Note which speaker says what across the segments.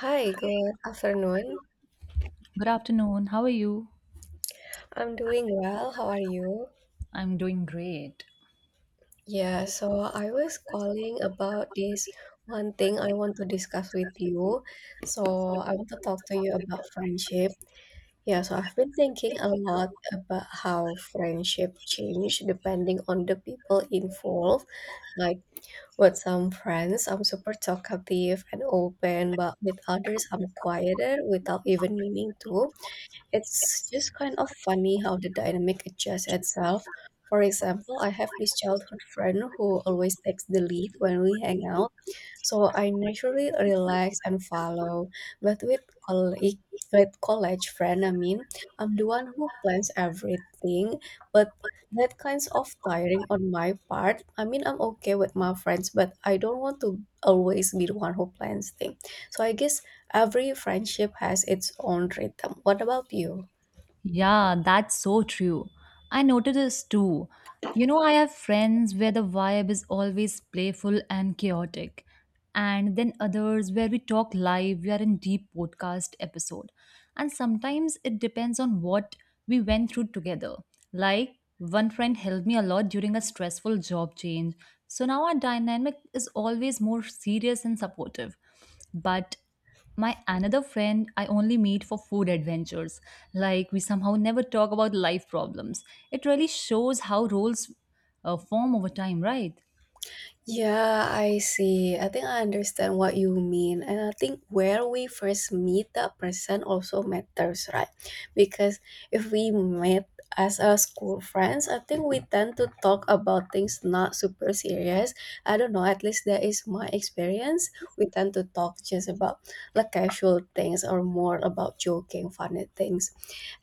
Speaker 1: Hi, good afternoon.
Speaker 2: Good afternoon. How are you?
Speaker 1: I'm doing well. How are you?
Speaker 2: I'm doing great.
Speaker 1: Yeah, so I was calling about this one thing I want to discuss with you. So I want to talk to you about friendship. Yeah, so I've been thinking a lot about how friendship change depending on the people involved. Like with some friends, I'm super talkative and open, but with others, I'm quieter without even meaning to. It's just kind of funny how the dynamic adjusts itself. For example, I have this childhood friend who always takes the lead when we hang out, so I naturally relax and follow. But colleague, with college friend, I mean, I'm the one who plans everything, but that kinds of tiring on my part. I mean, I'm okay with my friends, but I don't want to always be the one who plans things. So I guess every friendship has its own rhythm. What about you?
Speaker 2: Yeah, that's so true. I noticed this too. You know, I have friends where the vibe is always playful and chaotic, and then others where we talk live, we are in deep podcast episode. And sometimes it depends on what we went through together. Like, one friend helped me a lot during a stressful job change. So now our dynamic is always more serious and supportive. But my another friend I only meet for food adventures. Like we somehow never talk about life problems. It really shows how roles form over time, right?
Speaker 1: Yeah, I see. I think I understand what you mean. And I think where we first meet that person also matters, right? Because if we met as a school friends, I think we tend to talk about things not super serious. I don't know, at least that is my experience. We tend to talk just about like casual things or more about joking, funny things.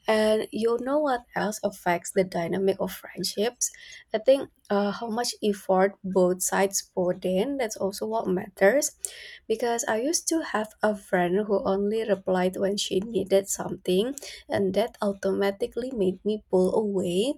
Speaker 1: And you know what else affects the dynamic of friendships? I think how much effort both sides put in. That's also what matters. Because I used to have a friend who only replied when she needed something, and that automatically made me pull away.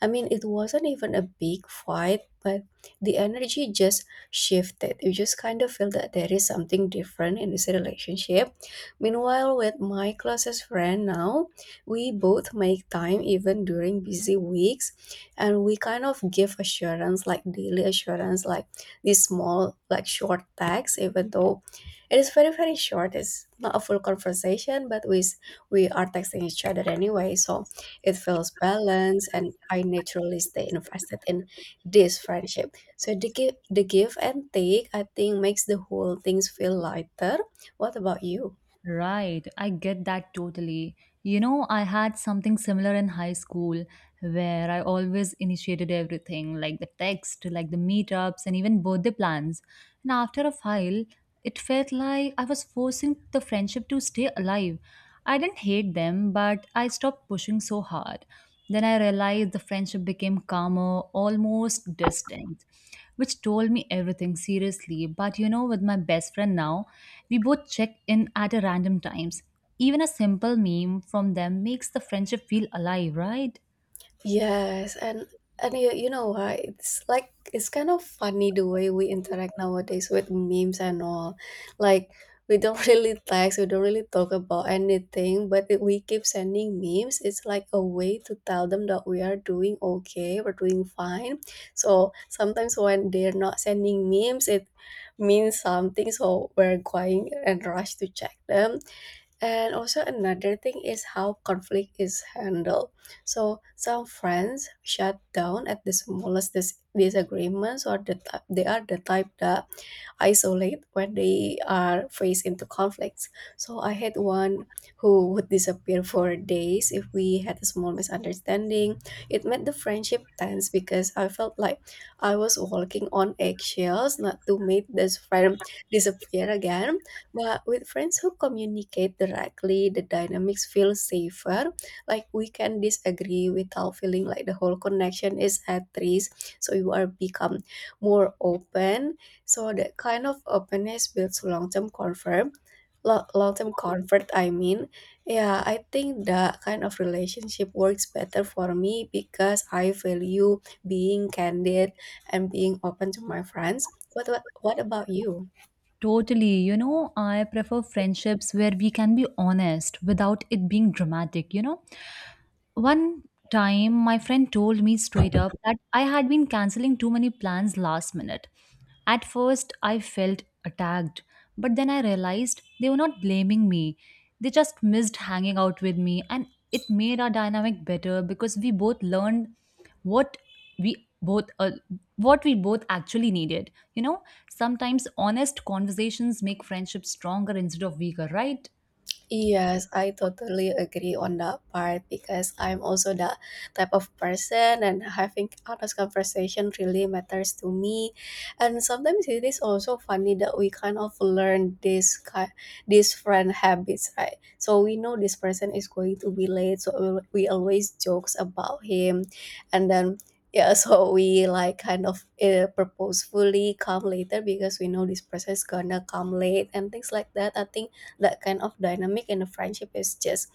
Speaker 1: I mean, it wasn't even a big fight, but the energy just shifted. You just kind of feel that there is something different in this relationship. Meanwhile, with my closest friend now, we both make time even during busy weeks, and we kind of give assurance, like daily assurance, like these small, like short texts, even though it is very, very short. It's not a full conversation, but we are texting each other anyway. So it feels balanced, and I naturally stay invested in this friendship. So the give and take, I think, makes the whole things feel lighter. What about you?
Speaker 2: Right, I get that totally. You know, I had something similar in high school where I always initiated everything, like the text, like the meetups, and even birthday plans. And after a while, it felt like I was forcing the friendship to stay alive. I didn't hate them, but I stopped pushing so hard. Then I realized the friendship became calmer, almost distant, which told me everything seriously. But you know, with my best friend now, we both check in at a random times. Even a simple meme from them makes the friendship feel alive, right?
Speaker 1: Yes, and you know what? It's like it's kind of funny the way we interact nowadays with memes and all. Like we don't really text, we don't really talk about anything, but we keep sending memes. It's like a way to tell them that we are doing okay, we're doing fine. So sometimes when they're not sending memes, it means something. So we're going and rush to check them. And also another thing is how conflict is handled. So some friends shut down at the smallest disagreements, or they are the type that isolate when they are faced into conflicts. So I had one who would disappear for days if we had a small misunderstanding. It made the friendship tense because I felt like I was walking on eggshells not to make this friend disappear again. But with friends who communicate directly, the dynamics feel safer. Like we can disagree without feeling like the whole connection is at risk. So you are become more open. So that kind of openness builds long-term comfort. Long-term comfort, I mean. Yeah, I think that kind of relationship works better for me because I value being candid and being open to my friends. What about you?
Speaker 2: Totally. You know, I prefer friendships where we can be honest without it being dramatic, you know? One time, my friend told me straight up that I had been canceling too many plans last minute. At first, I felt attacked, but then I realized they were not blaming me. They just missed hanging out with me, and it made our dynamic better because we both learned what we both uh, what we both actually needed, you know? Sometimes honest conversations make friendships stronger instead of weaker, right?
Speaker 1: Yes, I totally agree on that part because I'm also that type of person and having honest conversation really matters to me. And sometimes it is also funny that we kind of learn this kind these friend habits, right? So we know this person is going to be late, so we always jokes about him and then yeah, so we like kind of purposefully come later because we know this person is gonna come late and things like that. I think that kind of dynamic in the friendship is just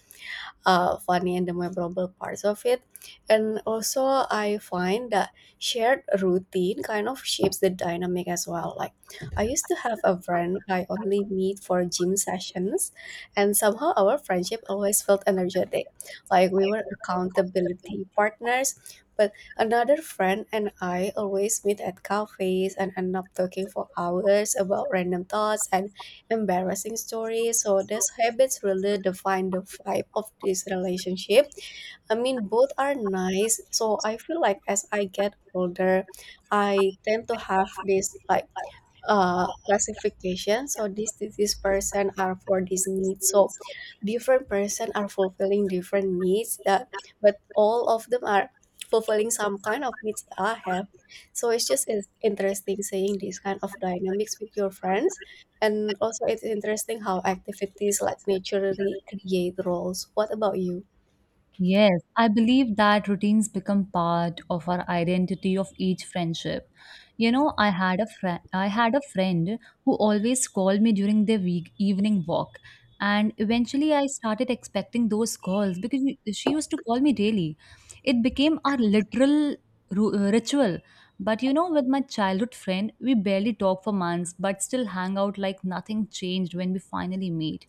Speaker 1: funny and the memorable parts of it. And also, I find that shared routine kind of shapes the dynamic as well. Like, I used to have a friend I only meet for gym sessions, and somehow our friendship always felt energetic, like we were accountability partners. But another friend and I always meet at cafes and end up talking for hours about random thoughts and embarrassing stories. So these habits really define the vibe of this relationship. I mean, both are nice. So I feel like as I get older, I tend to have this like classification. So this disease person are for this need. So different person are fulfilling different needs that but all of them are fulfilling some kind of needs I have. So it's just is interesting seeing this kind of dynamics with your friends. And also it's interesting how activities like naturally create roles. What about you?
Speaker 2: Yes, I believe that routines become part of our identity of each friendship. You know, I had a friend who always called me during their week evening walk. And eventually I started expecting those calls because she used to call me daily. It became our literal ritual. But you know, with my childhood friend, we barely talk for months, but still hang out like nothing changed when we finally meet.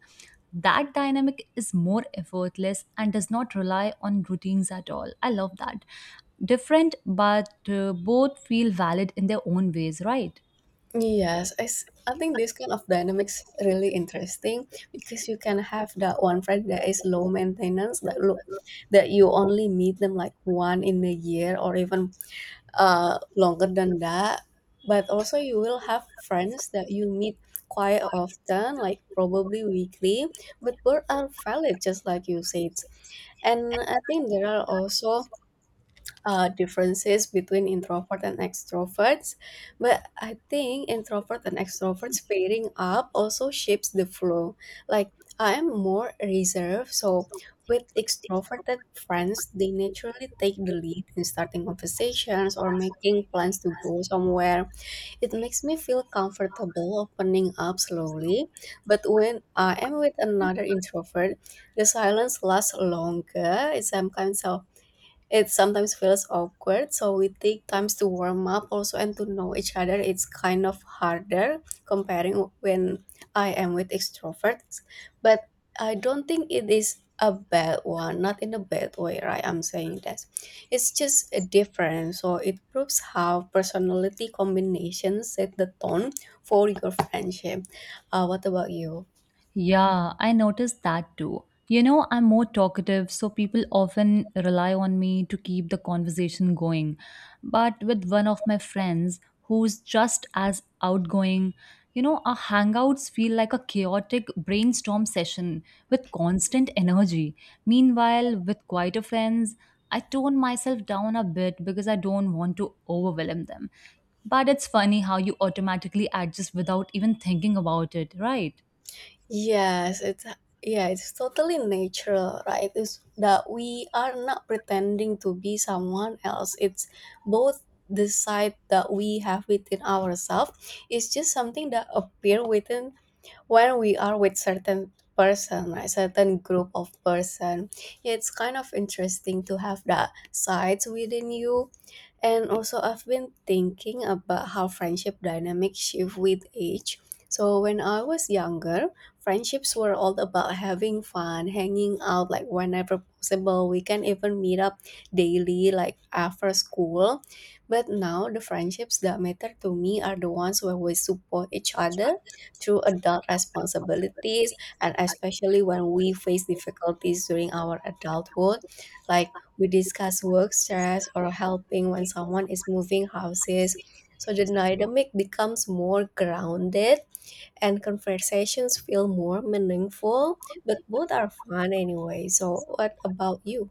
Speaker 2: That dynamic is more effortless and does not rely on routines at all. I love that. Different, but both feel valid in their own ways, right?
Speaker 1: Yes, I think this kind of dynamics really interesting because you can have that one friend that is low maintenance that you only meet them like one in a year or even longer than that. But also you will have friends that you meet quite often, like probably weekly, but both are valid just like you said. And I think there are also differences between introvert and extroverts. But I think introvert and extroverts pairing up also shapes the flow. Like I am more reserved, so with extroverted friends they naturally take the lead in starting conversations or making plans to go somewhere. It makes me feel comfortable opening up slowly. But when I am with another introvert, the silence lasts longer. It sometimes feels awkward, so we take times to warm up also and to know each other. It's kind of harder comparing when I am with extroverts, but I don't think it is a bad one, not in a bad way, right? I'm saying that it's just a difference. So it proves how personality combinations set the tone for your friendship. What about you?
Speaker 2: Yeah, I noticed that too. You know, I'm more talkative, so people often rely on me to keep the conversation going. But with one of my friends who's just as outgoing, you know, our hangouts feel like a chaotic brainstorm session with constant energy. Meanwhile, with quieter friends, I tone myself down a bit because I don't want to overwhelm them. But it's funny how you automatically adjust without even thinking about it, right?
Speaker 1: Yes, it's totally natural, right? It's that we are not pretending to be someone else. It's both the side that we have within ourselves. It's just something that appear within when we are with certain person, right, certain group of person. Yeah, it's kind of interesting to have that sides within you. And also I've been thinking about how friendship dynamics shift with age. So when I was younger, friendships were all about having fun hanging out, like whenever possible we can even meet up daily, like after school. But now the friendships that matter to me are the ones where we support each other through adult responsibilities, and especially when we face difficulties during our adulthood. Like we discuss work stress or helping when someone is moving houses. So the dynamic becomes more grounded and conversations feel more meaningful, but both are fun anyway. So what about you?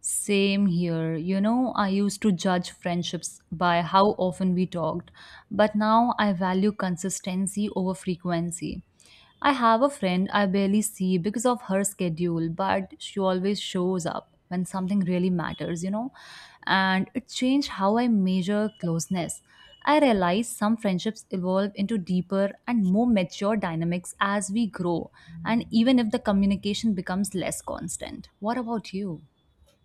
Speaker 2: Same here. You know, I used to judge friendships by how often we talked, but now I value consistency over frequency. I have a friend I barely see because of her schedule, but she always shows up when something really matters, you know? And it changed how I measure closeness. I realize some friendships evolve into deeper and more mature dynamics as we grow, and even if the communication becomes less constant. What about you?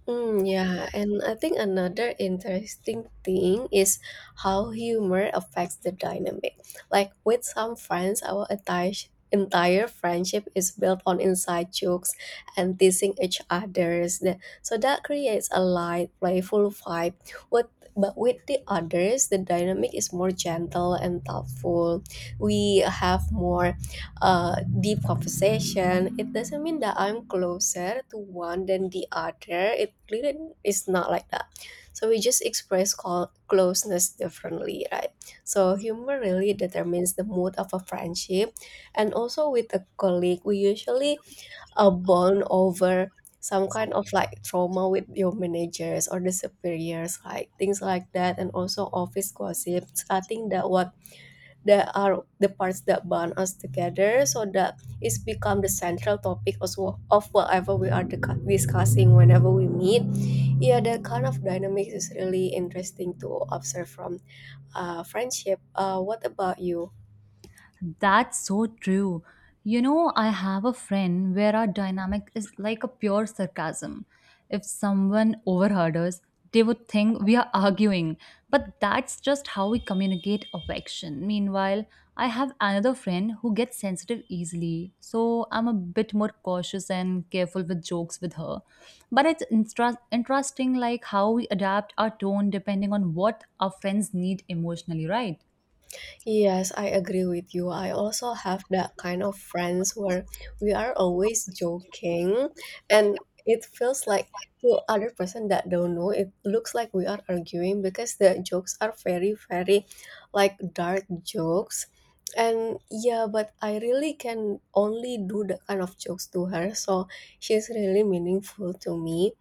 Speaker 1: Mm, yeah, and I think another interesting thing is how humor affects the dynamic. Like with some friends, our entire friendship is built on inside jokes and teasing each others. So that creates a light, playful vibe. With but with the others, the dynamic is more gentle and thoughtful. We have more deep conversation, it doesn't mean that I'm closer to one than the other. It really is not like that. So we just express closeness differently, right? So humor really determines the mood of a friendship, and also with a colleague, we usually bond over some kind of like trauma with your managers or the superiors, like things like that, and also office gossip. I think that are the parts that bond us together, so that it's become the central topic as well of whatever we are discussing whenever we meet. Yeah, that kind of dynamics is really interesting to observe from friendship. What about you?
Speaker 2: That's so true. You know, I have a friend where our dynamic is like a pure sarcasm. If someone overheard us, they would think we are arguing. But that's just how we communicate affection. Meanwhile, I have another friend who gets sensitive easily, so I'm a bit more cautious and careful with jokes with her. But it's interesting, like how we adapt our tone depending on what our friends need emotionally, right?
Speaker 1: Yes, I agree with you. I also have that kind of friends where we are always joking, and it feels like to other person that don't know, it looks like we are arguing because the jokes are very, very like dark jokes. And yeah, but I really can only do the kind of jokes to her, so she's really meaningful to me.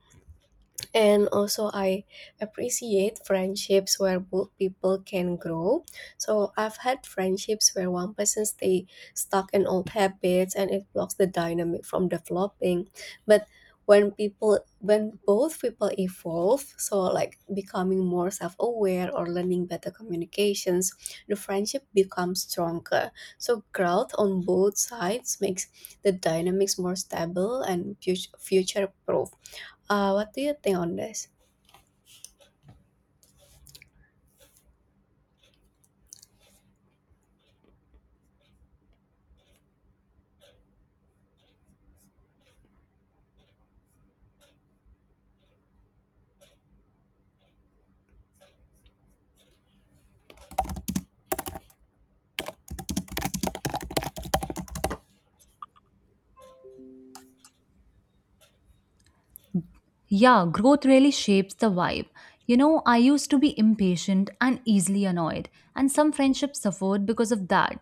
Speaker 1: And also I appreciate friendships where both people can grow. So I've had friendships where one person stay stuck in old habits and it blocks the dynamic from developing. But when both people evolve, so like becoming more self-aware or learning better communications, the friendship becomes stronger. So growth on both sides makes the dynamics more stable and future proof. What do you think on this?
Speaker 2: Yeah, growth really shapes the vibe. You know, I used to be impatient and easily annoyed, and some friendships suffered because of that.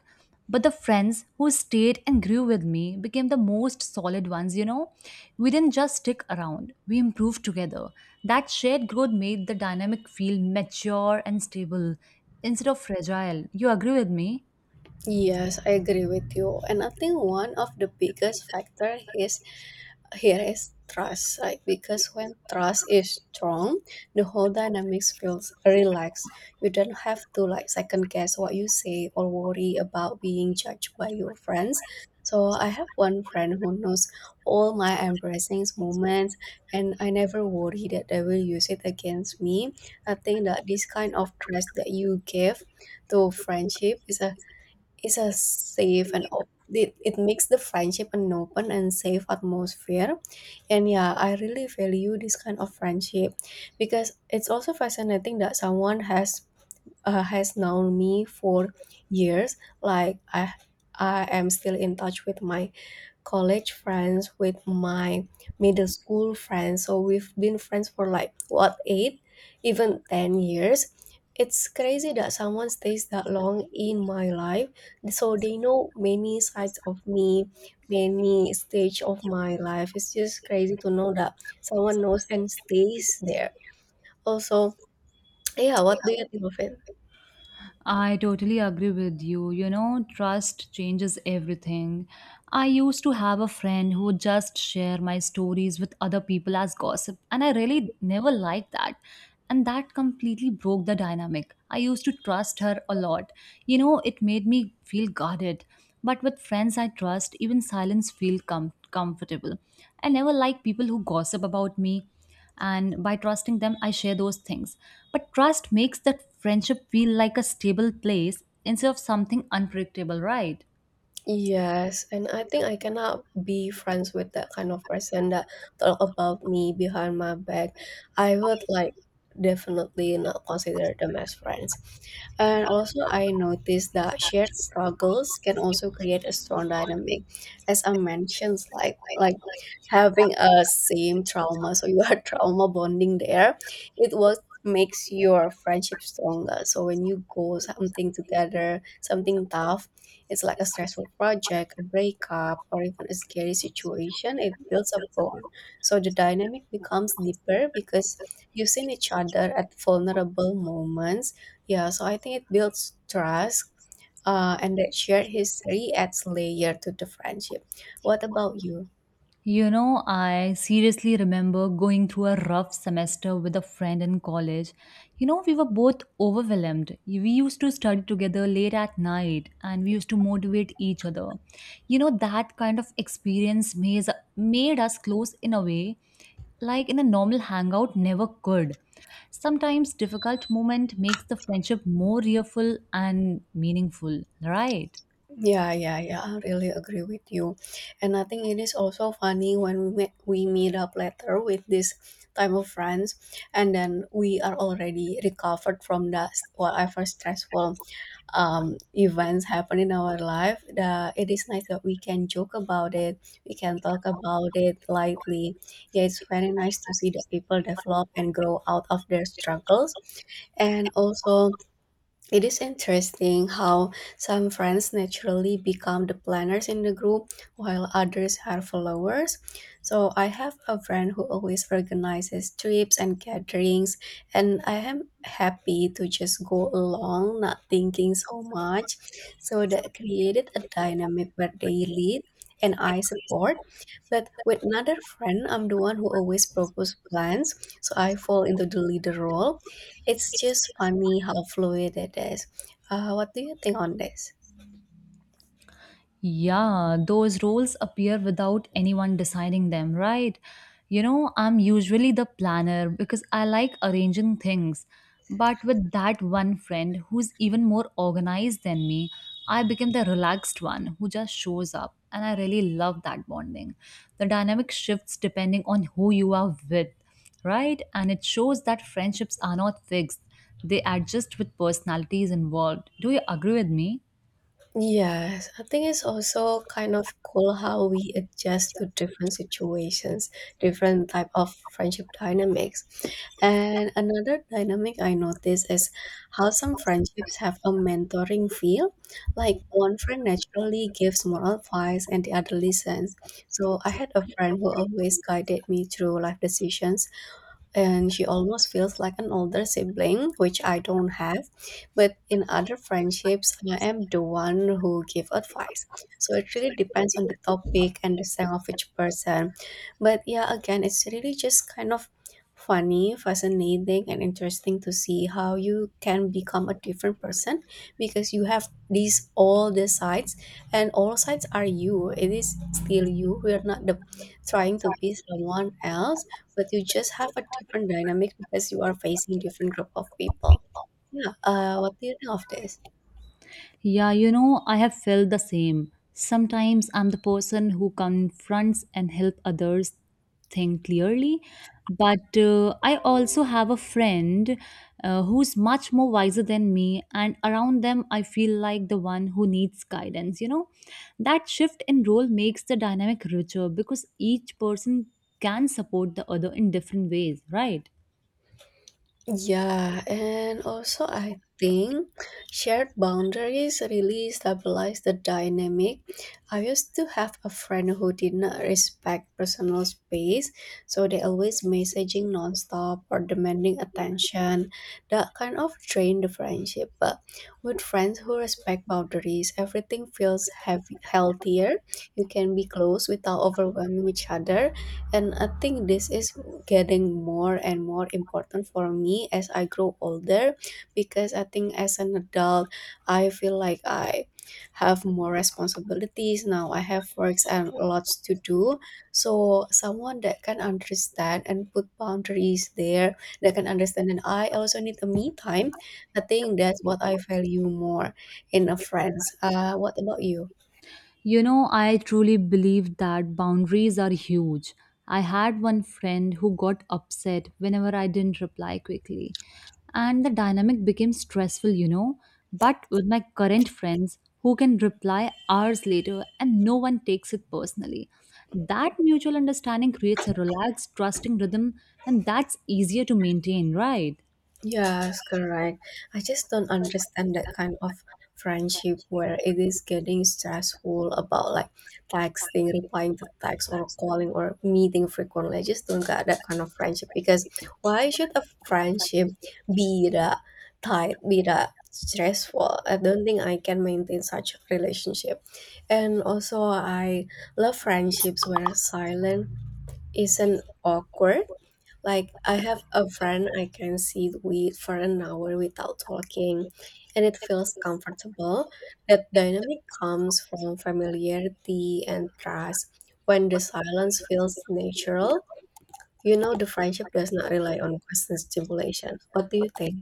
Speaker 2: But the friends who stayed and grew with me became the most solid ones, you know? We didn't just stick around, we improved together. That shared growth made the dynamic feel mature and stable instead of fragile. You agree with me?
Speaker 1: Yes, I agree with you. And I think one of the biggest factor is here is trust, like because when trust is strong, the whole dynamics feels relaxed. You don't have to like second guess what you say or worry about being judged by your friends. So I have one friend who knows all my embarrassing moments, and I never worry that they will use it against me. I think that this kind of trust that you give to friendship is a safe and it makes the friendship an open and safe atmosphere. And yeah, I really value this kind of friendship, because it's also fascinating that someone has known me for years. Like I am still in touch with my college friends, with my middle school friends. So we've been friends for like what 8, even 10 years. It's crazy that someone stays that long in my life. So they know many sides of me, many stage of my life. It's just crazy to know that someone knows and stays there. Also, yeah, what do you think of it?
Speaker 2: I totally agree with you. You know, trust changes everything. I used to have a friend who would just share my stories with other people as gossip, and I really never liked that. And that completely broke the dynamic. I used to trust her a lot. You know, it made me feel guarded. But with friends I trust, even silence feels comfortable. I never like people who gossip about me, and by trusting them I share those things. But trust makes that friendship feel like a stable place instead of something unpredictable, right?
Speaker 1: Yes, and I think I cannot be friends with that kind of person that talk about me behind my back. I would like definitely not consider them as friends. And also, I noticed that shared struggles can also create a strong dynamic, as I mentioned, like having a same trauma. So you are trauma bonding there. It was makes your friendship stronger. So when you go something together, something tough, it's like a stressful project, a breakup, or even a scary situation. It builds a bond. So the dynamic becomes deeper because you've seen each other at vulnerable moments. Yeah, so I think it builds trust. And that shared history adds layer to the friendship. What about you?
Speaker 2: You know, I seriously remember going through a rough semester with a friend in college. You know, we were both overwhelmed. We used to study together late at night and we used to motivate each other. You know, that kind of experience made us close in a way like in a normal hangout never could. Sometimes difficult moment makes the friendship more real and meaningful, right?
Speaker 1: Yeah, yeah, yeah, I really agree with you. And I think it is also funny when we meet up later with this type of friends, and then we are already recovered from the whatever stressful events happen in our life. It is nice that we can joke about it, we can talk about it lightly. Yeah, it's very nice to see that people develop and grow out of their struggles, and also it is interesting how some friends naturally become the planners in the group while others are followers. So I have a friend who always organizes trips and gatherings, and I am happy to just go along, not thinking so much. So that created a dynamic where they lead and I support. But with another friend, I'm the one who always propose plans, so I fall into the leader role. It's just funny how fluid it is. What do you think on this?
Speaker 2: Yeah, those roles appear without anyone deciding them, right? You know, I'm usually the planner because I like arranging things. But with that one friend who's even more organized than me, I became the relaxed one who just shows up. And I really love that bonding. The dynamic shifts depending on who you are with, right? And it shows that friendships are not fixed, they adjust with personalities involved. Do you agree with me?
Speaker 1: Yes, I think it's also kind of cool how we adjust to different situations, different type of friendship dynamics. And another dynamic I noticed is how some friendships have a mentoring feel. Like one friend naturally gives moral advice and the other listens. So I had a friend who always guided me through life decisions, and she almost feels like an older sibling, which I don't have. But in other friendships, I am the one who give advice. So it really depends on the topic and the strength of each person. But yeah, again, it's really just kind of funny, fascinating, and interesting to see how you can become a different person because you have these all the sides, and all sides are you. It is still you. We are not the trying to be someone else, but you just have a different dynamic because you are facing different group of people. Yeah, what do you think of this?
Speaker 2: Yeah, you know, I have felt the same. Sometimes I'm the person who confronts and help others think clearly, but I also have a friend who's much more wiser than me, and around them I feel like the one who needs guidance. You know, that shift in role makes the dynamic richer because each person can support the other in different ways, right?
Speaker 1: Yeah, and also I think shared boundaries really stabilize the dynamic. I used to have a friend who did not respect personal space, so they always messaging nonstop or demanding attention. That kind of drained the friendship. But with friends who respect boundaries, everything feels healthier. You can be close without overwhelming each other, and I think this is getting more and more important for me as I grow older, because I think as an adult, I feel like I have more responsibilities now. I have works and lots to do. So someone that can understand and put boundaries there, that can understand that I also need a me time. I think that's what I value more in a friends. What about you?
Speaker 2: You know, I truly believe that boundaries are huge. I had one friend who got upset whenever I didn't reply quickly, and the dynamic became stressful, you know. But with my current friends who can reply hours later and no one takes it personally, that mutual understanding creates a relaxed, trusting rhythm, and that's easier to maintain, right?
Speaker 1: Yes, correct. I just don't understand that kind of friendship where it is getting stressful about like texting, replying to text, or calling or meeting frequently. I just don't get that kind of friendship because why should a friendship be that tight, be that stressful? I don't think I can maintain such relationship. And also, I love friendships where silence isn't awkward. Like I have a friend I can sit with for an hour without talking, and it feels comfortable. That dynamic comes from familiarity and trust. When the silence feels natural, you know the friendship does not rely on constant stimulation. What do you think?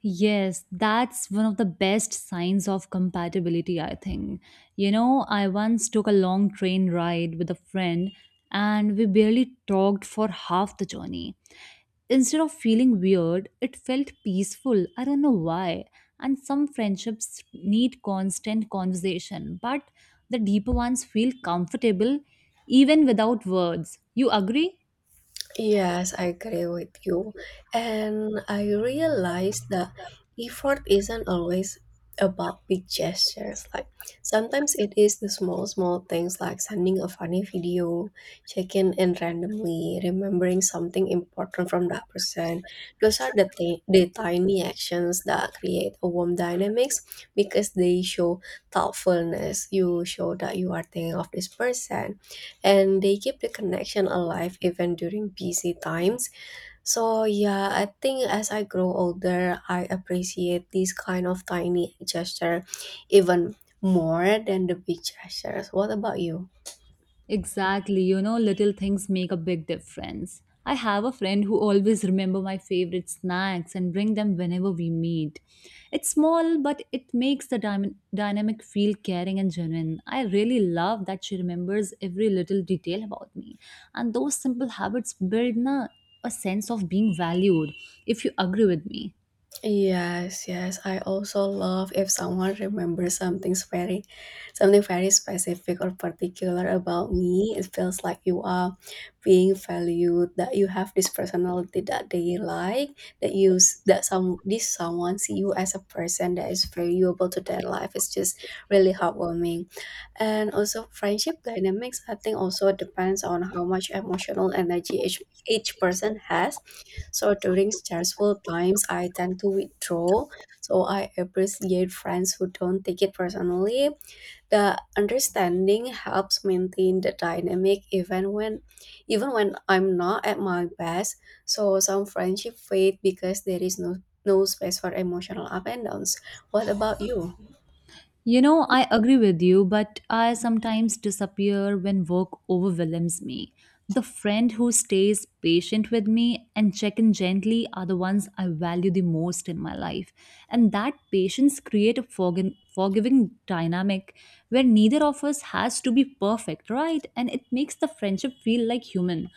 Speaker 2: Yes, that's one of the best signs of compatibility, I think. You know, I once took a long train ride with a friend and we barely talked for half the journey. Instead of feeling weird, it felt peaceful. I don't know why. And some friendships need constant conversation, but the deeper ones feel comfortable even without words. You agree?
Speaker 1: Yes, I agree with you. And I realize that effort isn't always about big gestures. Like sometimes it is the small, small things, like sending a funny video, checking in randomly, remembering something important from that person. Those are the tiny actions that create a warm dynamics, because they show thoughtfulness. You show that you are thinking of this person, and they keep the connection alive even during busy times. So yeah, I think as I grow older, I appreciate these kind of tiny gesture even more than the big gestures. What about you?
Speaker 2: Exactly, you know, little things make a big difference. I have a friend who always remember my favorite snacks and bring them whenever we meet. It's small, but it makes the dynamic feel caring and genuine. I really love that she remembers every little detail about me. And those simple habits build a sense of being valued, if you agree with me.
Speaker 1: Yes, yes. I also love if someone remembers something very specific or particular about me. It feels like you are being valued, that you have this personality that they like, that you s- that some this someone see you as a person that is valuable to their life. It's just really heartwarming. And also friendship dynamics, I think, also depends on how much emotional energy each person has. So during stressful times, I tend to withdraw. So I appreciate friends who don't take it personally. The understanding helps maintain the dynamic even when I'm not at my best. So some friendship fade because there is no space for emotional up and downs. What about you?
Speaker 2: You know, I agree with you, but I sometimes disappear when work overwhelms me. The friend who stays patient with me and check in gently are the ones I value the most in my life. And that patience create a forgiving dynamic where neither of us has to be perfect, right? And it makes the friendship feel like human.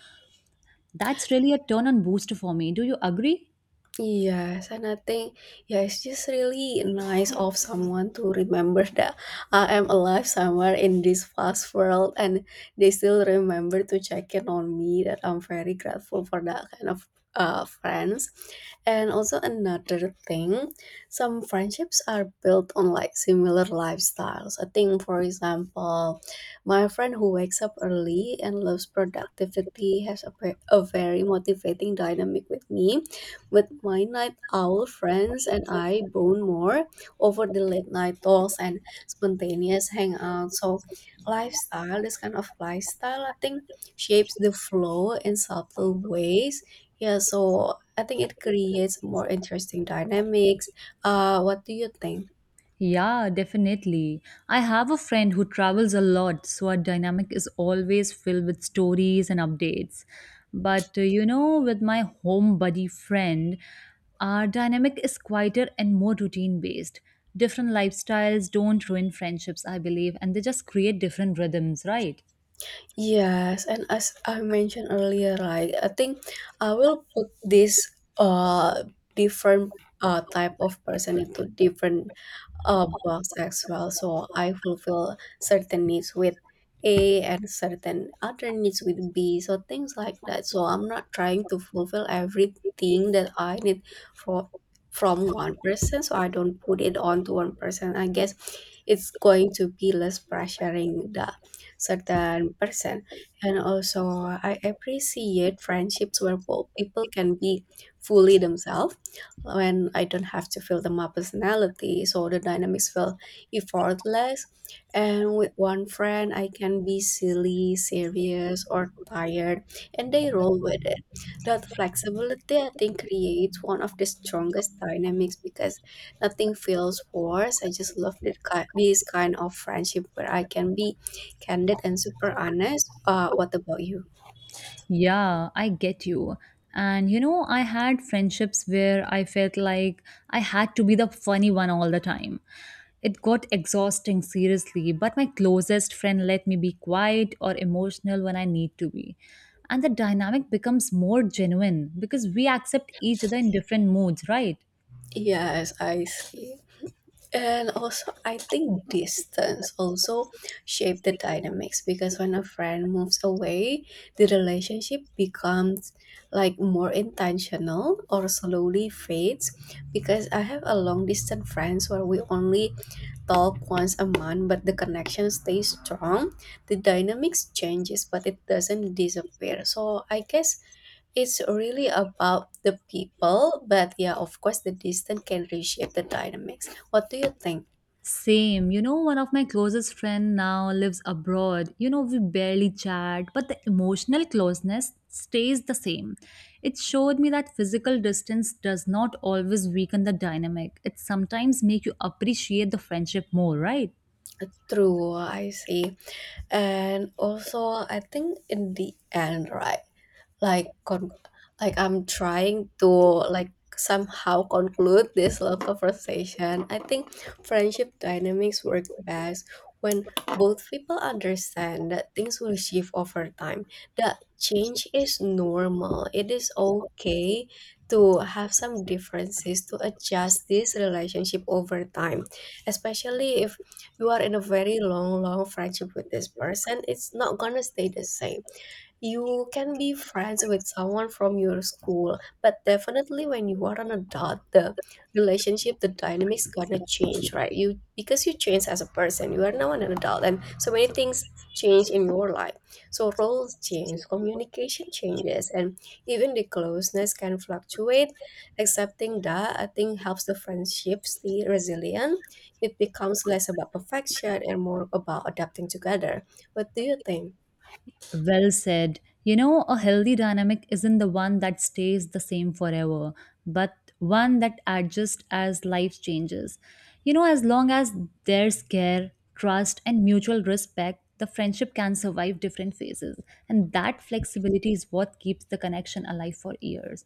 Speaker 2: That's really a turn on booster for me. Do you agree?
Speaker 1: Yes, and I think yeah, it's just really nice of someone to remember that I am alive somewhere in this fast world, and they still remember to check in on me. That I'm very grateful for that kind of friends. And also another thing, some friendships are built on like similar lifestyles. I think, for example, my friend who wakes up early and loves productivity has a very motivating dynamic with me. With my night owl friends, and I bond more over the late night talks and spontaneous hangouts. So, lifestyle, this kind of lifestyle, I think, shapes the flow in subtle ways. Yeah, so I think it creates more interesting dynamics. What do you think?
Speaker 2: Yeah, definitely. I have a friend who travels a lot, so our dynamic is always filled with stories and updates. But you know, with my home buddy friend, our dynamic is quieter and more routine based. Different lifestyles don't ruin friendships, I believe, and they just create different rhythms, right?
Speaker 1: Yes, and as I mentioned earlier, right, I think I will put this uh different type of person into different a box as well. So I fulfill certain needs with A and certain other needs with B. So things like that. So I'm not trying to fulfill everything that I need for from one person. So I don't put it on to one person. I guess it's going to be less pressuring the certain person. And also I appreciate friendships where both people can be fully themselves, when I don't have to fill them up personality, so the dynamics feel effortless. And with one friend, I can be silly, serious, or tired, and they roll with it. That flexibility, I think, creates one of the strongest dynamics because nothing feels forced. I just love this kind of friendship where I can be candid and super honest. What about you?
Speaker 2: Yeah, I get you. And you know, I had friendships where I felt like I had to be the funny one all the time. It got exhausting, seriously, but my closest friend let me be quiet or emotional when I need to be. And the dynamic becomes more genuine because we accept each other in different moods, right?
Speaker 1: Yes, I see. And also, I think distance also shape the dynamics, because when a friend moves away, the relationship becomes like more intentional or slowly fades. Because I have a long distance friends where we only talk once a month, but the connection stays strong. The dynamics changes, but it doesn't disappear. So I guess it's really about the people, but yeah, of course, the distance can reshape the dynamics. What do you think?
Speaker 2: Same. You know, one of my closest friend now lives abroad. You know, we barely chat, but the emotional closeness stays the same. It showed me that physical distance does not always weaken the dynamic. It sometimes make you appreciate the friendship more, right?
Speaker 1: True, I see. And also, I think in the end, right? like con- like, I'm trying to like somehow conclude this love conversation. I think friendship dynamics work best when both people understand that things will shift over time, that change is normal. It is okay to have some differences, to adjust this relationship over time, especially if you are in a very long long friendship with this person. It's not gonna stay the same. You can be friends with someone from your school, but definitely when you are an adult, the relationship, the dynamics gonna change, right? You, because you change as a person, you are now an adult, and so many things change in your life. So roles change, communication changes, and even the closeness can fluctuate. Accepting that, I think, helps the friendship stay resilient. It becomes less about perfection and more about adapting together. What do you think?
Speaker 2: Well said. You know, a healthy dynamic isn't the one that stays the same forever, but one that adjusts as life changes. You know, as long as there's care, trust, and mutual respect, the friendship can survive different phases. And that flexibility is what keeps the connection alive for years.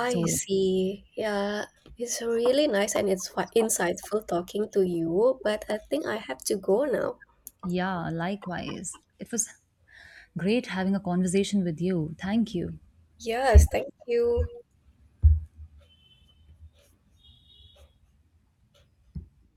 Speaker 2: So,
Speaker 1: see. Yeah, it's really nice and it's insightful talking to you, but I think I have to go now.
Speaker 2: yeah, likewise. It was great having a conversation with you. Thank you.
Speaker 1: Yes, thank you.